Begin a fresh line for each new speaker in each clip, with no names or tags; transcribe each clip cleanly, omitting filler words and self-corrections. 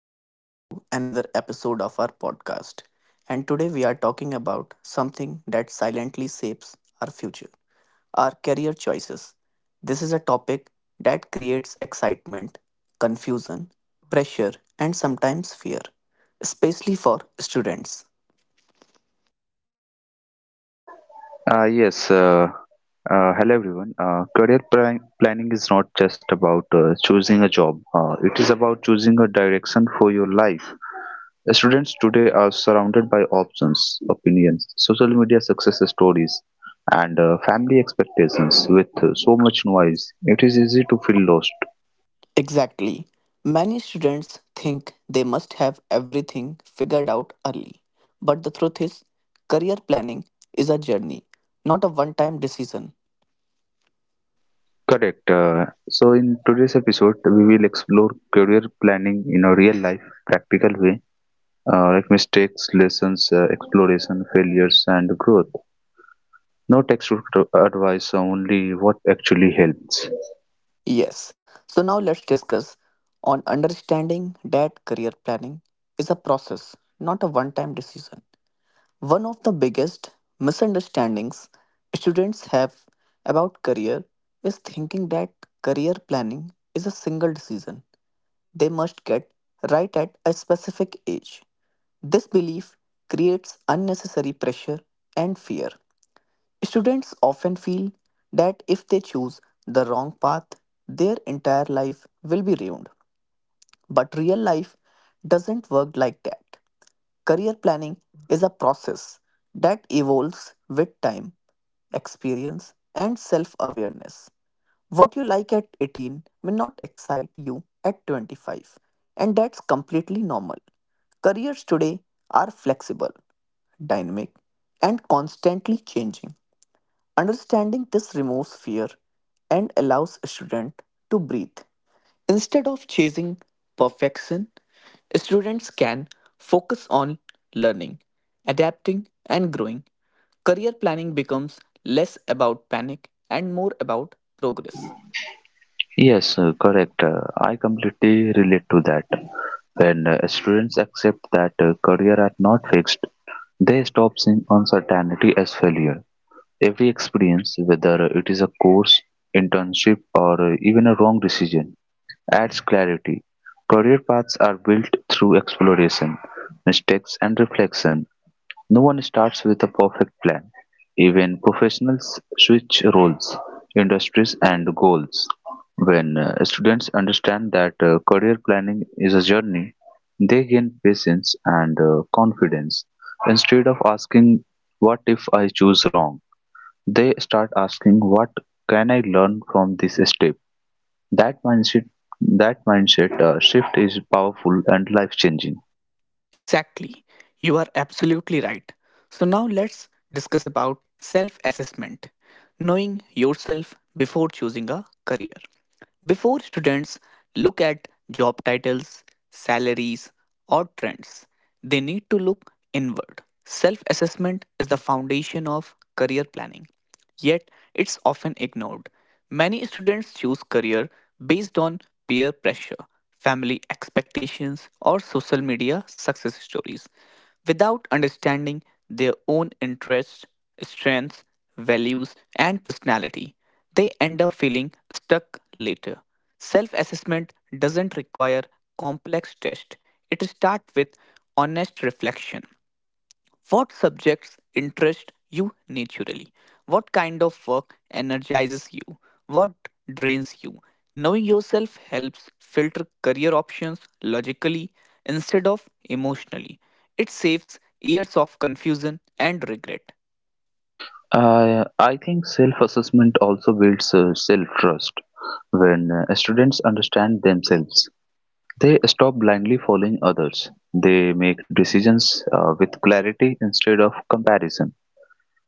Welcome back to another episode of our podcast. And today we are talking about something that silently shapes our future, our career choices. This is a topic that creates excitement, confusion, pressure, and sometimes fear, especially for students.
Uh, yes. Uh, Hello, everyone. Career planning is not just about choosing a job. It is about choosing a direction for your life. Students today are surrounded by options, opinions, social media success stories, and family expectations. With so much noise, it is easy to feel lost.
Exactly. Many students think they must have everything figured out early. But the truth is, career planning is a journey, not a one time decision.
Correct. So in today's episode, we will explore career planning in a real life, practical way like mistakes, lessons, exploration, failures, and growth. No textbook advice, only what actually helps.
Yes. So now let's discuss on understanding that career planning is a process, not a one time decision. One of the biggest misunderstandings students have about career is thinking that career planning is a single decision. They must get right at a specific age. This belief creates unnecessary pressure and fear. Students often feel that if they choose the wrong path, their entire life will be ruined. But real life doesn't work like that. Career planning is a process that evolves with time, experience, and self awareness. What you like at 18 may not excite you at 25, and that's completely normal. Careers today are flexible, dynamic, and constantly changing. Understanding this removes fear and allows a student to breathe. Instead of chasing perfection, students can focus on learning, adapting, and growing. Career planning becomes less about panic and more about progress.
Yes, correct. I completely relate to that. When students accept that career are not fixed, they stop seeing uncertainty as failure. Every experience, whether it is a course, internship, or even a wrong decision, adds clarity. Career paths are built through exploration, mistakes, and reflection. No one starts with a perfect plan; even professionals switch roles, industries, and goals. When students understand that career planning is a journey, they gain patience and confidence. Instead of asking, "What if I choose wrong?" they start asking, "What can I learn from this step?" That mindset, that mindset shift is powerful and life changing.
Exactly. You are absolutely right. So now let's discuss about self-assessment, knowing yourself before choosing a career. Before students look at job titles, salaries, or trends, they need to look inward. Self assessment is the foundation of career planning, yet it's often ignored. Many students choose career based on peer pressure, family expectations, or social media success stories without understanding their own interests, strengths, values, and personality. They end up feeling stuck later. Self assessment doesn't require complex tests, it starts with honest reflection. What subjects interest you naturally? What kind of work energizes you? What drains you? Knowing yourself helps filter career options logically instead of emotionally. It saves years of confusion and regret.
I think self-assessment also builds self-trust. When students understand themselves, they stop blindly following others. They make decisions with clarity instead of comparison.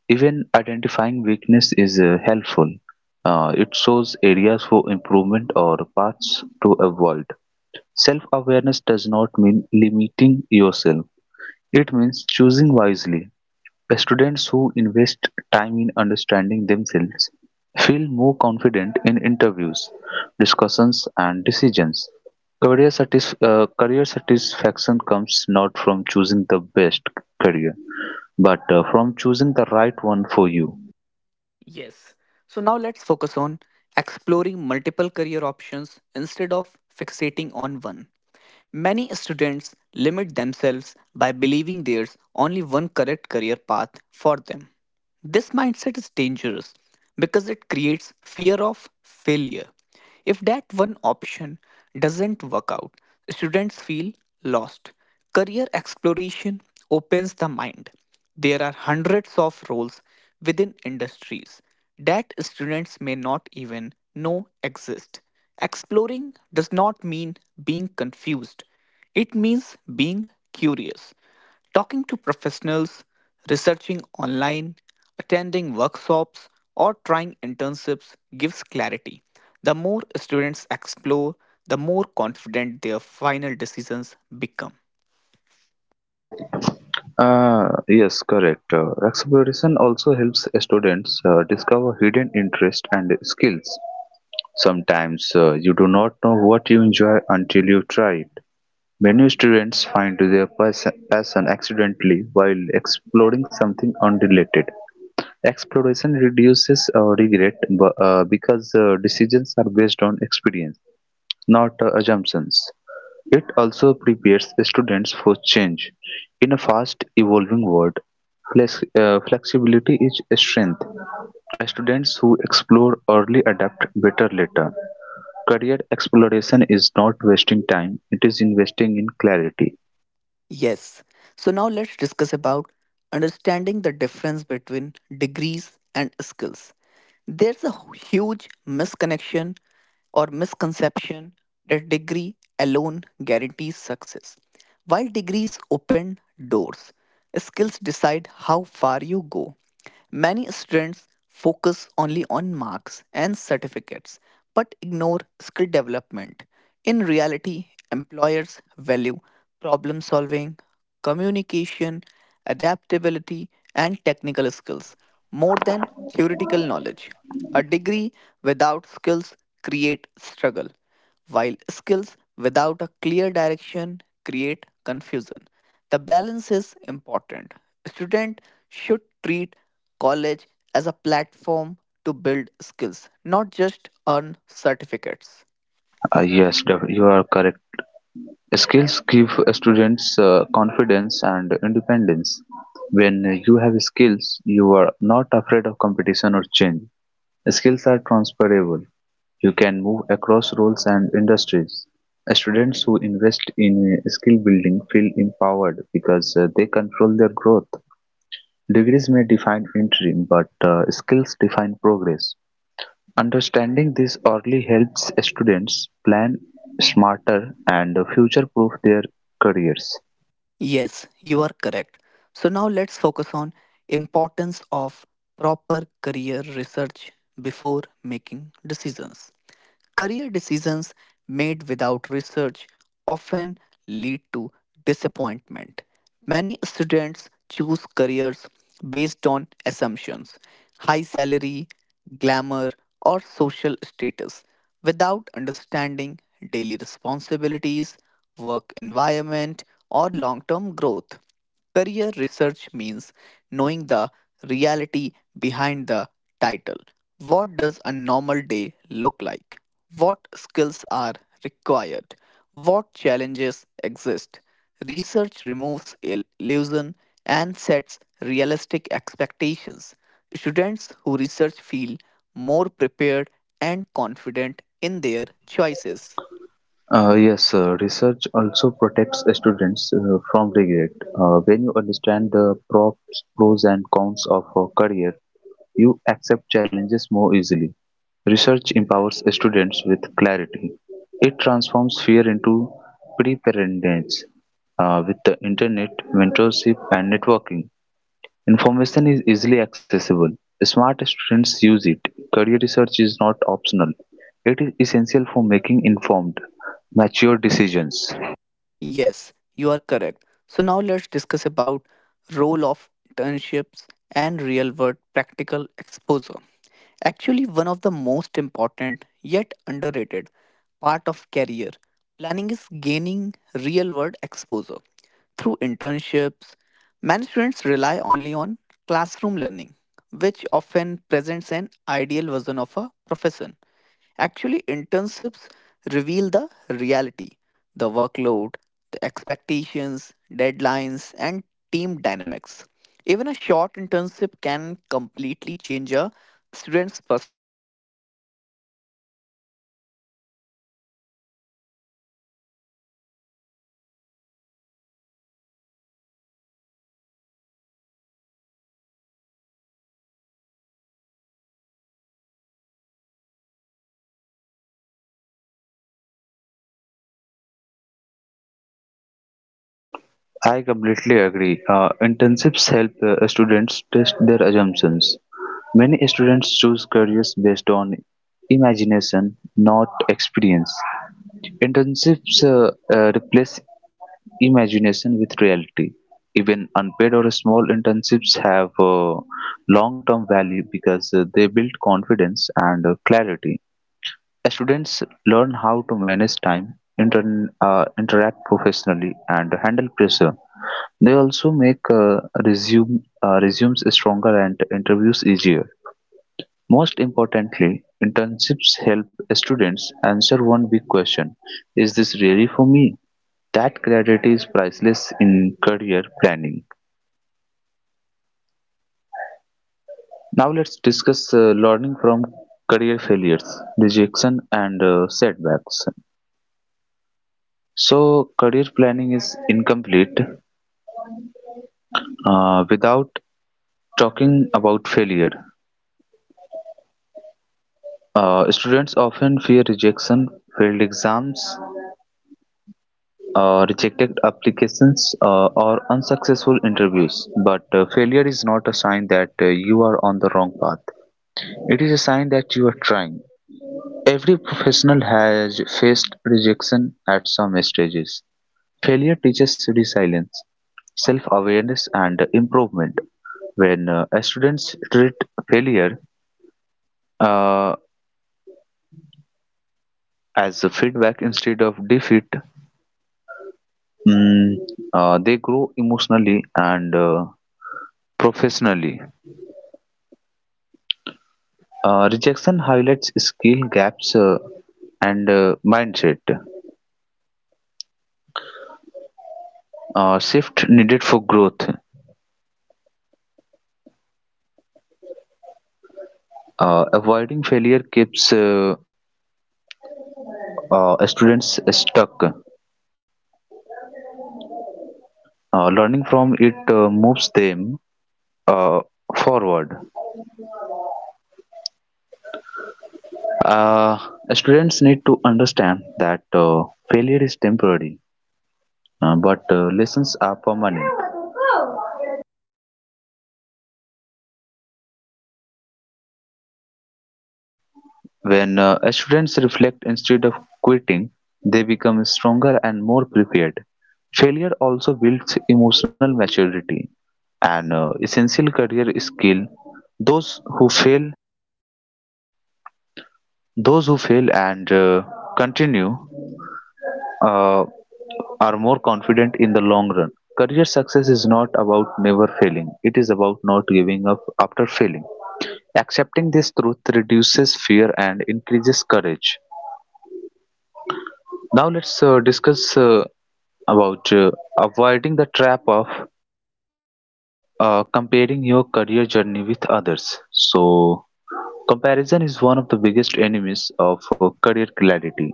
Even identifying weakness is helpful. It shows areas for improvement or paths to avoid. Self-awareness does not mean limiting yourself. It means choosing wisely. Students who invest time in understanding themselves feel more confident in interviews, discussions, and decisions. Career satisfaction comes not from choosing the best career, but from choosing the right one for you.
Yes. So now let's focus on exploring multiple career options instead of fixating on one. Many students limit themselves by believing there's only one correct career path for them. This mindset is dangerous because it creates fear of failure. If that one option doesn't work out, students feel lost. Career exploration opens the mind. There are hundreds of roles within industries that students may not even know exist. Exploring does not mean being confused, it means being curious. Talking to professionals, researching online, attending workshops, or trying internships gives clarity. The more students explore, the more confident their final decisions become.
Yes, correct. Exploration also helps students discover hidden interests and skills. Sometimes you do not know what you enjoy until you try. Many students find their passion accidentally while exploring something unrelated. Exploration reduces regret because decisions are based on experience, not assumptions. It also prepares students for change. In a fast evolving world, flexibility is a strength. Students who explore early adapt better later. Career exploration is not wasting time, it is investing in clarity.
Yes. So now let's discuss about understanding the difference between degrees and skills. There's a huge misconnection or misconception that degree alone guarantees success. While degrees open doors, skills decide how far you go. Many students focus only on marks and certificates but ignore skill development. In reality, employers value problem solving, communication, adaptability, and technical skills more than theoretical knowledge. A degree without skills create struggle, while skills without a clear direction create confusion. The balance is important. Student should treat college as a platform to build skills, not just earn certificates.
You are correct. Skills give students confidence and independence. When you have skills, you are not afraid of competition or change. Skills are transferable. You can move across roles and industries. Students who invest in skill building feel empowered because they control their growth. Degrees may define entry, but skills define progress. Understanding this early helps students plan smarter and future-proof their careers.
Yes, you are correct. So now let's focus on importance of proper career research before making decisions. Career decisions made without research often lead to disappointment. Many students choose careers based on assumptions, high salary, glamour, or social status, without understanding daily responsibilities, work environment, or long term growth. Career research means knowing the reality behind the title. What does a normal day look like? What skills are required? What challenges exist? Research removes illusion and sets realistic expectations. Students who research feel more prepared and confident in their choices.
Yes, Research also protects students from regret. When you understand the pros and cons of a career, you accept challenges more easily. Research empowers students with clarity. It transforms fear into preparedness with the internet, mentorship, and networking. Information is easily accessible, smart students use it, career research is not optional, it is essential for making informed, mature decisions.
Yes, you are correct. So now let's discuss about role of internships and real-world practical exposure. Actually, one of the most important yet underrated part of career planning is gaining real-world exposure. Through internships, many students rely only on classroom learning, which often presents an ideal version of a profession. Actually, internships reveal the reality, the workload, the expectations, deadlines, and team dynamics. Even a short internship can completely change a student's perspective. Some students realize they love the field even more, while others understand it's not for them, and both outcomes are valuable. Internship don't just teach skills, they teach discipline, communication, and accountability. Also, they also help students understand workplace
I
culture,
completely agree.
something no
Internships help
textbook can explain.
students test their
Early
assumptions.
exposure prevents
Many
future
students choose
regret
careers
and
based
builds
on
career clarity
imagination, not
step by step, I
experience.
think.
Internships replace imagination with reality. Even unpaid or small
And I
internships have
agree completely.
long term value
Internships
because
help
they build
students
confidence
test
and
their
clarity.
assumption. Many
Students
students
learn how to manage
choose
time,
career based on
interact
imagination, not
professionally, and handle
experience.
pressure. They
Internships
also make
replace imagination with
resumes
reality.
stronger and
Even
interviews easier.
unpaid or small
Most
internships
importantly,
have long term
internships
value
help
because
students
they build
answer one big
confidence
question:
and
"Is this
clarity.
really for me?" That
Students
clarity
learn
is
how
priceless
to
in
manage
career
time,
planning.
interact professionally, and handle pressure. They
Now, let's
also make
discuss learning
resumes
from
stronger
career
and
failures,
interviews
rejection, and
easier. Most
setbacks.
importantly, internship help
So,
students
career planning
answer
is
one big
incomplete
question. Is this really for me? That
without
clarity is
talking about
priceless
failure.
in career planning.
Students often fear rejection,
So, now
failed
let's discuss
exams,
about learning from career
rejected
failures.
applications, or unsuccessful interviews. But failure is not a sign that you are on the wrong path, it is a sign that you are trying. Every professional has faced rejection at some stages. Failure teaches resilience, self-awareness, and improvement. When students treat failure uh, as a feedback instead of defeat, mm, they grow emotionally and professionally. Rejection highlights skill gaps and mindset. Shift needed for growth. Avoiding failure keeps students stuck. Learning from it moves them uh, forward. Uh, Students need to understand that failure is temporary, but lessons are permanent. When students reflect instead of quitting, they become stronger and more prepared. Failure also builds emotional maturity, an essential career skill. Those who fail Those who fail and continue uh, are more confident in the long run. Career success is not about never failing, it is about not giving up after failing. Accepting this truth reduces fear and increases courage. Now, let's discuss about avoiding the trap of comparing your career journey with others. So, comparison is one of the biggest enemies of career clarity.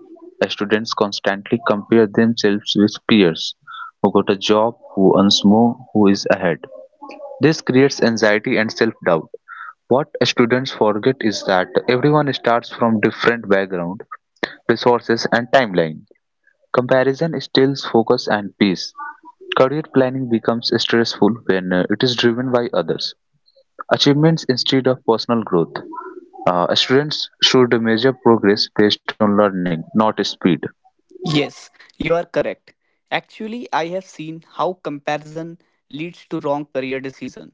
Students constantly compare themselves with peers who got a job, who earns more, who is ahead. This creates anxiety and self doubt. What students forget is that everyone starts from different background, resources, and timeline. Comparison steals focus and peace. Career planning becomes stressful when it is driven by others. Achievements instead of personal growth. Students should measure progress based on learning, not speed.
Yes, you are correct. Actually, I have seen how comparison leads to wrong career decision.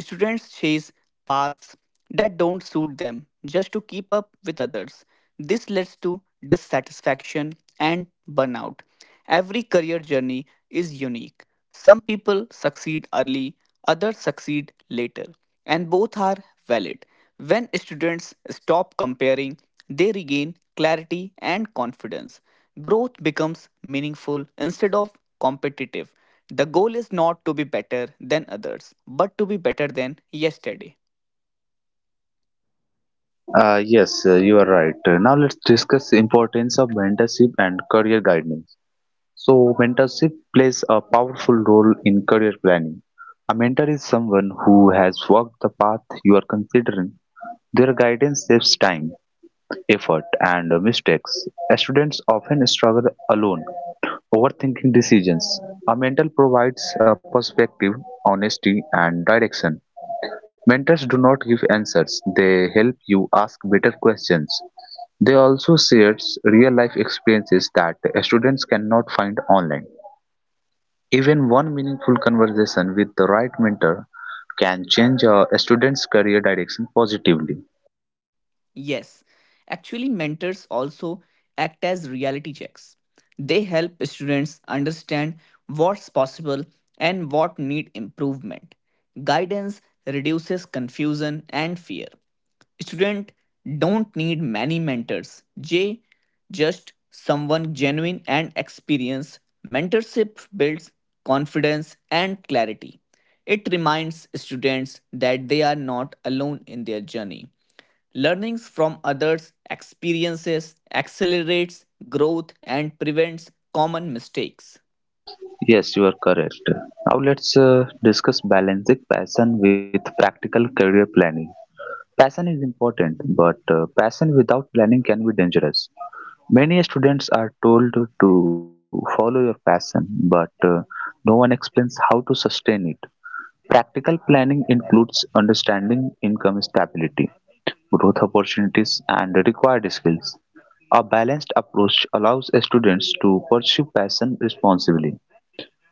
Students chase paths that don't suit them just to keep up with others. This leads to dissatisfaction and burnout. Every career journey is unique. Some people succeed early, others succeed later, and both are valid. When students stop comparing, they regain clarity and confidence. Growth becomes meaningful instead of competitive. The goal is not to be better than others, but to be better than yesterday.
Yes, you are right. Now let's discuss importance of mentorship and career guidance. So mentorship plays a powerful role in career planning. A mentor is someone who has walked the path you are considering. Their guidance saves time, effort, and mistakes. Students often struggle alone, overthinking decisions. A mentor provides a perspective, honesty, and direction. Mentors do not give answers, they help you ask better questions. They also share real life experiences that students cannot find online. Even one meaningful conversation with the right mentor can change a student's career direction positively.
Yes, actually, mentors also act as reality checks. They help students understand what's possible and what need improvement. Guidance reduces confusion and fear. Students don't need many mentors. J just someone genuine and experienced. Mentorship builds confidence and clarity. It reminds students that they are not alone in their journey. Learnings from others' experiences accelerates growth and prevents common mistakes.
Yes, you are correct. Now let's discuss balancing passion with practical career planning. Passion is important, but passion without planning can be dangerous. Many students are told to follow your passion, but no one explains how to sustain it. Practical planning includes understanding income stability, growth opportunities, and required skills. A balanced approach allows students to pursue passion responsibly.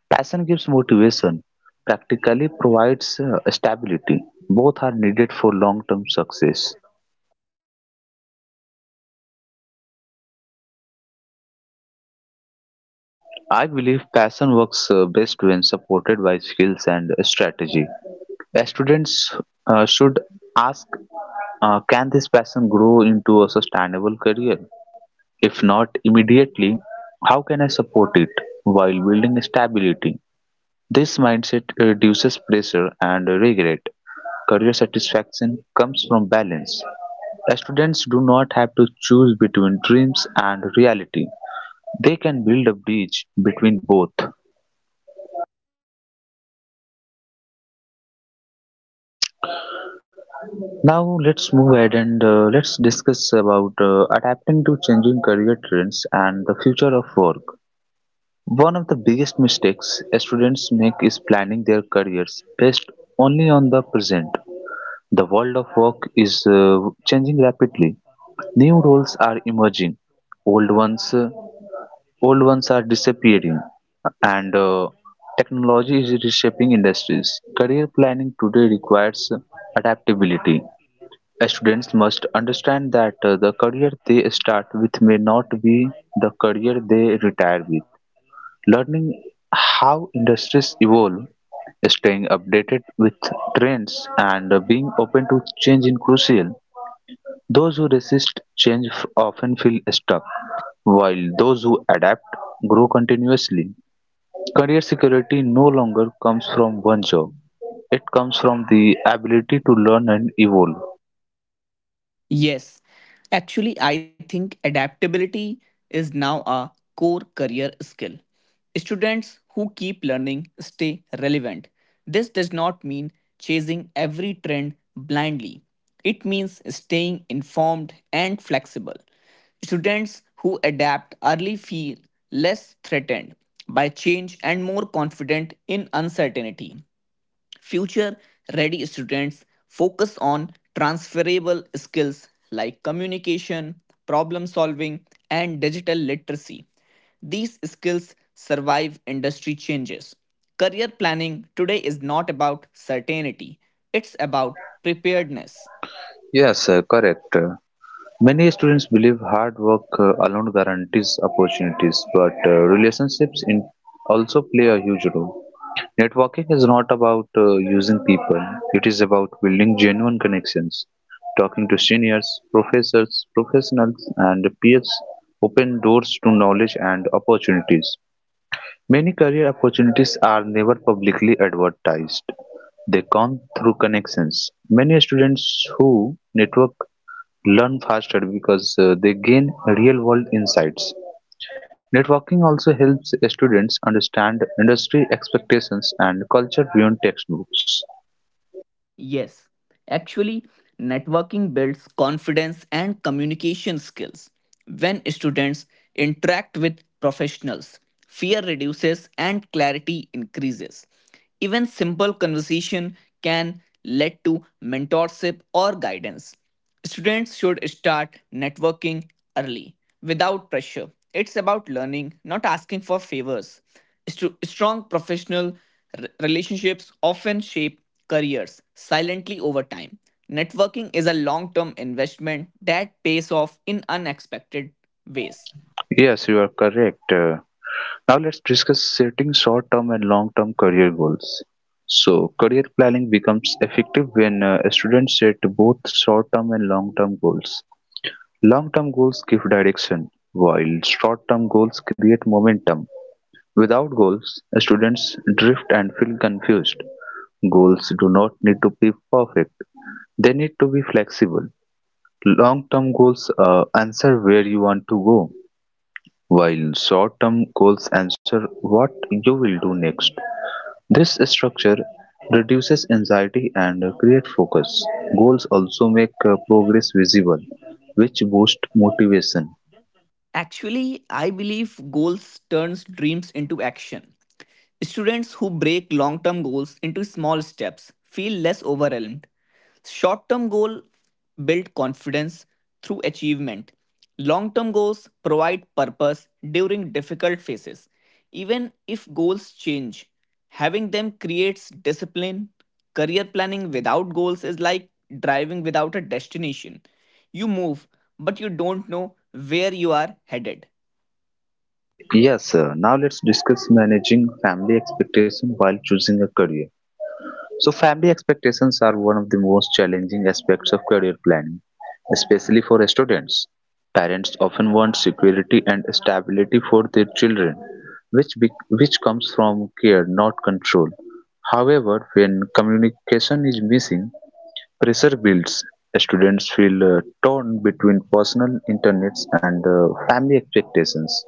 Passion gives motivation, practically provides stability. Both are needed for long term success. I believe passion works best when supported by skills and strategy. Students should ask, can this passion grow into a sustainable career? If not immediately, how can I support it while building stability? This mindset reduces pressure and regret. Career satisfaction comes from balance. Students do not have to choose between dreams and reality. They can build a bridge between both. Now let's move ahead and let's discuss about adapting to changing career trends and the future of work. One of the biggest mistakes students make is planning their careers based only on the present. The world of work is changing rapidly. New roles are emerging. Old ones, uh, Old ones are disappearing, and technology is reshaping industries. Career planning today requires adaptability. Students must understand that the career they start with may not be the career they retire with. Learning how industries evolve, staying updated with trends, and being open to change is crucial. Those who resist change often feel stuck, while those who adapt grow continuously. Career security no longer comes from one job, it comes from the ability to learn and evolve.
Yes, actually, I think adaptability is now a core career skill. Students who keep learning stay relevant. This does not mean chasing every trend blindly, it means staying informed and flexible. Students who adapt early feel less threatened by change and more confident in uncertainty. Future ready students focus on transferable skills like communication, problem solving, and digital literacy. These skills survive industry changes. Career planning today is not about certainty, it's about preparedness.
Yes, sir, correct. Many students believe hard work alone guarantees opportunities, but relationships in also play a huge role. Networking is not about using people, it is about building genuine connections. Talking to seniors, professors, professionals, and peers open doors to knowledge and opportunities. Many career opportunities are never publicly advertised. They come through connections. Many students who network learn faster because they gain real world insights. Networking also helps students understand industry expectations and culture beyond textbooks.
Yes, actually, networking builds confidence and communication skills. When students interact with professionals, fear reduces and clarity increases. Even simple conversation can lead to mentorship or guidance. Students should start networking early without pressure. It's about learning, not asking for favors. Strong professional relationships often shape careers silently over time. Networking is a long term investment that pays off in unexpected ways.
Yes, you are correct. Now let's discuss setting short term and long term career goals. So, career planning becomes effective when students set both short term and long term goals. Long term goals give direction, while short term goals create momentum. Without goals, students drift and feel confused. Goals do not need to be perfect, they need to be flexible. Long term goals answer where you want to go, while short term goals answer what you will do next. This structure reduces anxiety and creates focus. Goals also make progress visible, which boosts motivation.
Actually, I believe goals turns dreams into action. Students who break long term goals into small steps feel less overwhelmed. Short term goals build confidence through achievement. Long term goals provide purpose during difficult phases. Even if goals change, having them creates discipline. Career planning without goals is like driving without a destination. You move, but you don't know where you are headed.
Yes, Now let's discuss managing family expectation while choosing a career. So family expectations are one of the most challenging aspects of career planning, especially for students. Parents often want security and stability for their children, which which comes from care, not control. However, when communication is missing, pressure builds. Students feel torn between personal interests and family expectations.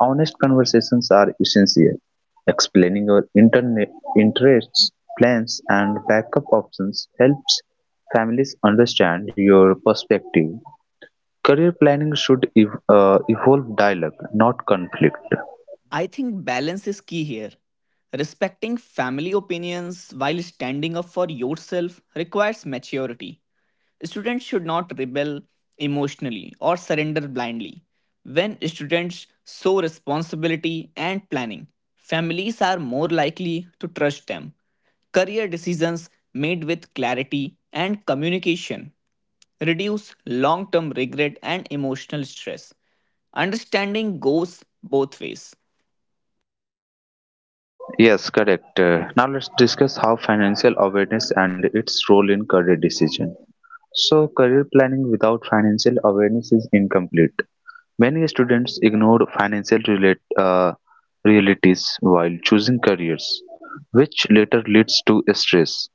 Honest conversations are essential. Explaining your interests, plans, and backup options helps families understand your perspective. Career planning should evolve dialogue, not conflict.
I think balance is key here. Respecting family opinions while standing up for yourself requires maturity. Students should not rebel emotionally or surrender blindly. When students show responsibility and planning, families are more likely to trust them. Career decisions made with clarity and communication reduce long term regret and emotional stress. Understanding goes both ways.
Yes, correct. Now let's discuss how financial awareness and its role in career decision. So, career planning without financial awareness is incomplete. Many students ignore realities while choosing careers, which later leads to stress.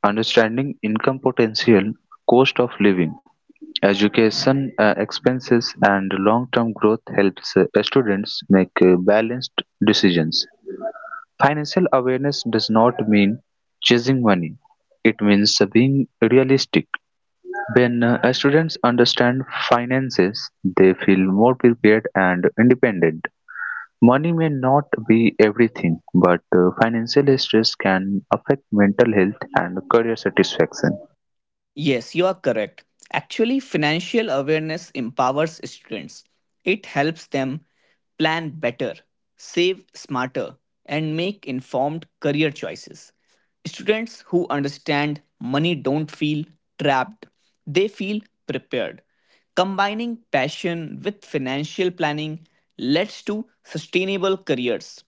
Understanding income potential, cost of living, education expenses, and long term growth helps students make balanced decisions. Financial awareness does not mean chasing money, it means being realistic when students understand finances, they feel more prepared and independent. Money may not be everything, but financial stress can affect mental health and career satisfaction.
Yes, you are correct. Actually, financial awareness empowers students. It helps them plan better, save smarter, and make informed career choices. Students who understand money don't feel trapped, they feel prepared. Combining passion with financial planning leads to sustainable careers.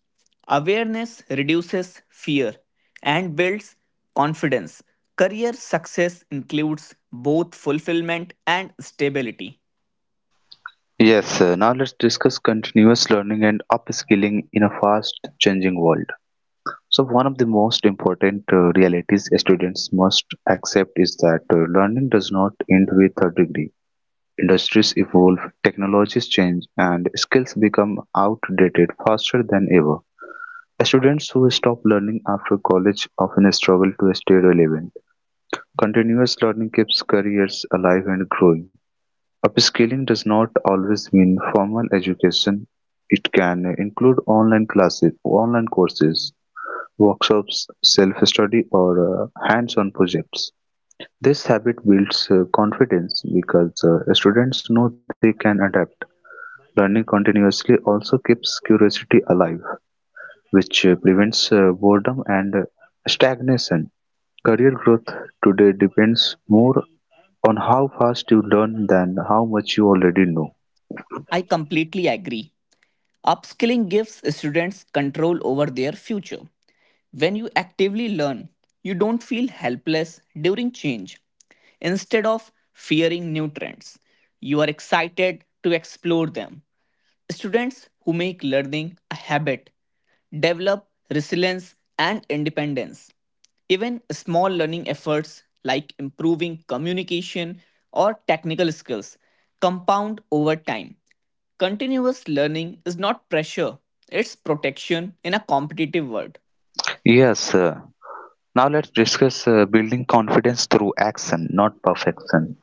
Awareness reduces fear and builds confidence. Career success includes both fulfillment and stability.
Yes, now let's discuss continuous learning and upskilling in a fast changing world. So, one of the most important realities students must accept is that learning does not end with a degree. Industries evolve, technologies change, and skills become outdated faster than ever. Students who stop learning after college often struggle to stay relevant. Continuous learning keeps careers alive and growing. Upskilling does not always mean formal education. It can include online classes, online courses, workshops, self-study, or hands-on projects. This habit builds confidence because students know they can adapt. Learning continuously also keeps curiosity alive, which prevents boredom and stagnation. Career growth today depends more on how fast you learn than how much you already know.
I completely agree. Upskilling gives students control over their future. When you actively learn, you don't feel helpless during change. Instead of fearing new trends, you are excited to explore them. Students who make learning a habit develop resilience and independence. Even small learning efforts like improving communication or technical skills compound over time. Continuous learning is not pressure, it's protection in a competitive world.
Yes, now let's discuss building confidence through action, not perfection.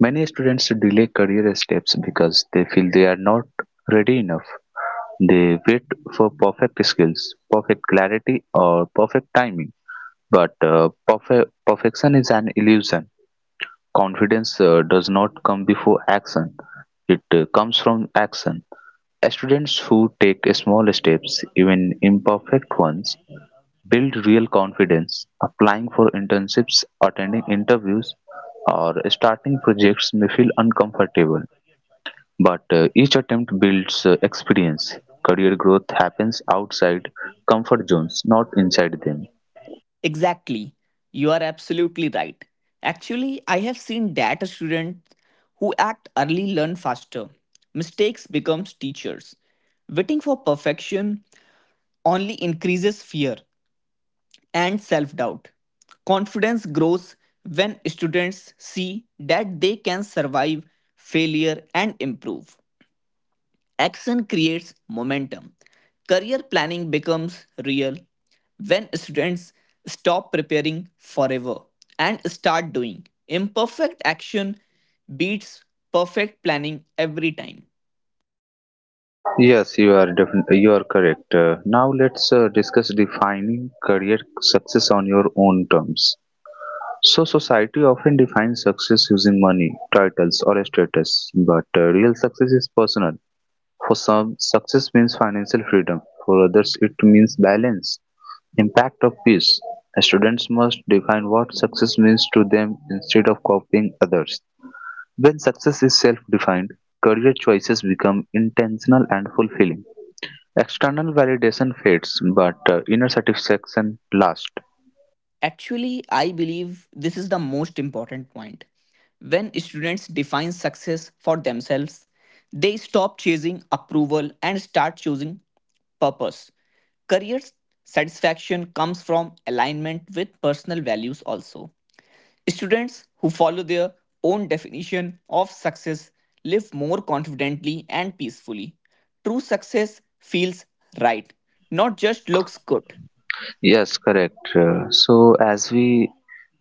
Many students delay career steps because they feel they are not ready enough. They wait for perfect skills, perfect clarity, or perfect timing. But perfection is an illusion. Confidence does not come before action, it comes from action. Students who take small steps, even imperfect ones, build real confidence. Applying for internships, attending interviews, or starting projects may feel uncomfortable, but each attempt builds experience. Career growth happens outside comfort zones, not inside them.
Exactly. You are absolutely right. Actually, I have seen data students who act early learn faster. Mistakes becomes teachers. Waiting for perfection only increases fear and self-doubt. Confidence grows when students see that they can survive failure and improve. Action creates momentum. Career planning becomes real when students stop preparing forever and start doing. Imperfect action beats perfect planning every time.
Yes, you are correct. Now let's discuss defining career success on your own terms. So society often defines success using money, titles, or status, but real success is personal. For some, success means financial freedom. For others, it means balance, impact of peace. Students must define what success means to them instead of copying others. When success is self-defined, career choices become intentional and fulfilling. External validation fades, but inner satisfaction lasts.
Actually, I believe this is the most important point. When students define success for themselves, they stop chasing approval and start choosing purpose. Career satisfaction comes from alignment with personal values also. Students who follow their own definition of success live more confidently and peacefully. True success feels right, not just looks good.
Yes, correct. So, as we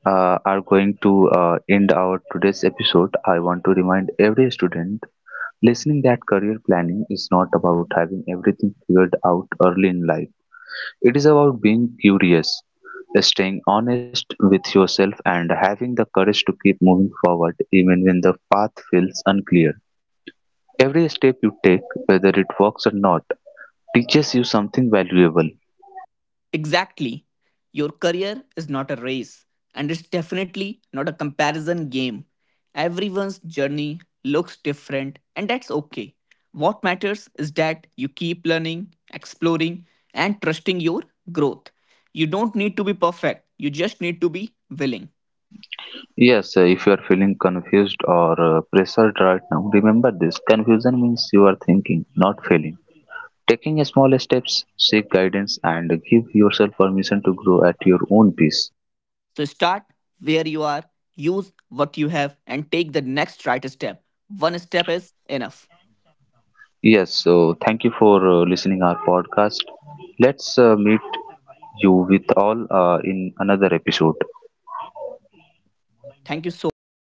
are going to end our today's episode, I want to remind every student listening that career planning is not about having everything figured out early in life. It is about being curious, staying honest with yourself, and having the courage to keep moving forward even when the path feels unclear. Every step you take, whether it works or not, teaches you something valuable.
Exactly. Your career is not a race, and it's definitely not a comparison game. Everyone's journey looks different, and that's okay. What matters is that you keep learning, exploring, and trusting your growth. You don't need to be perfect, you just need to be willing.
Yes, if you are feeling confused or pressured right now, remember this confusion means you are thinking, not failing. Taking a small steps, seek guidance, and give yourself permission to grow at your own pace.
So start where you are, use what you have, and take the next right step. One step is enough.
Yes, so thank you for listening our podcast. Let's meet you with all in another episode.
Thank you so much.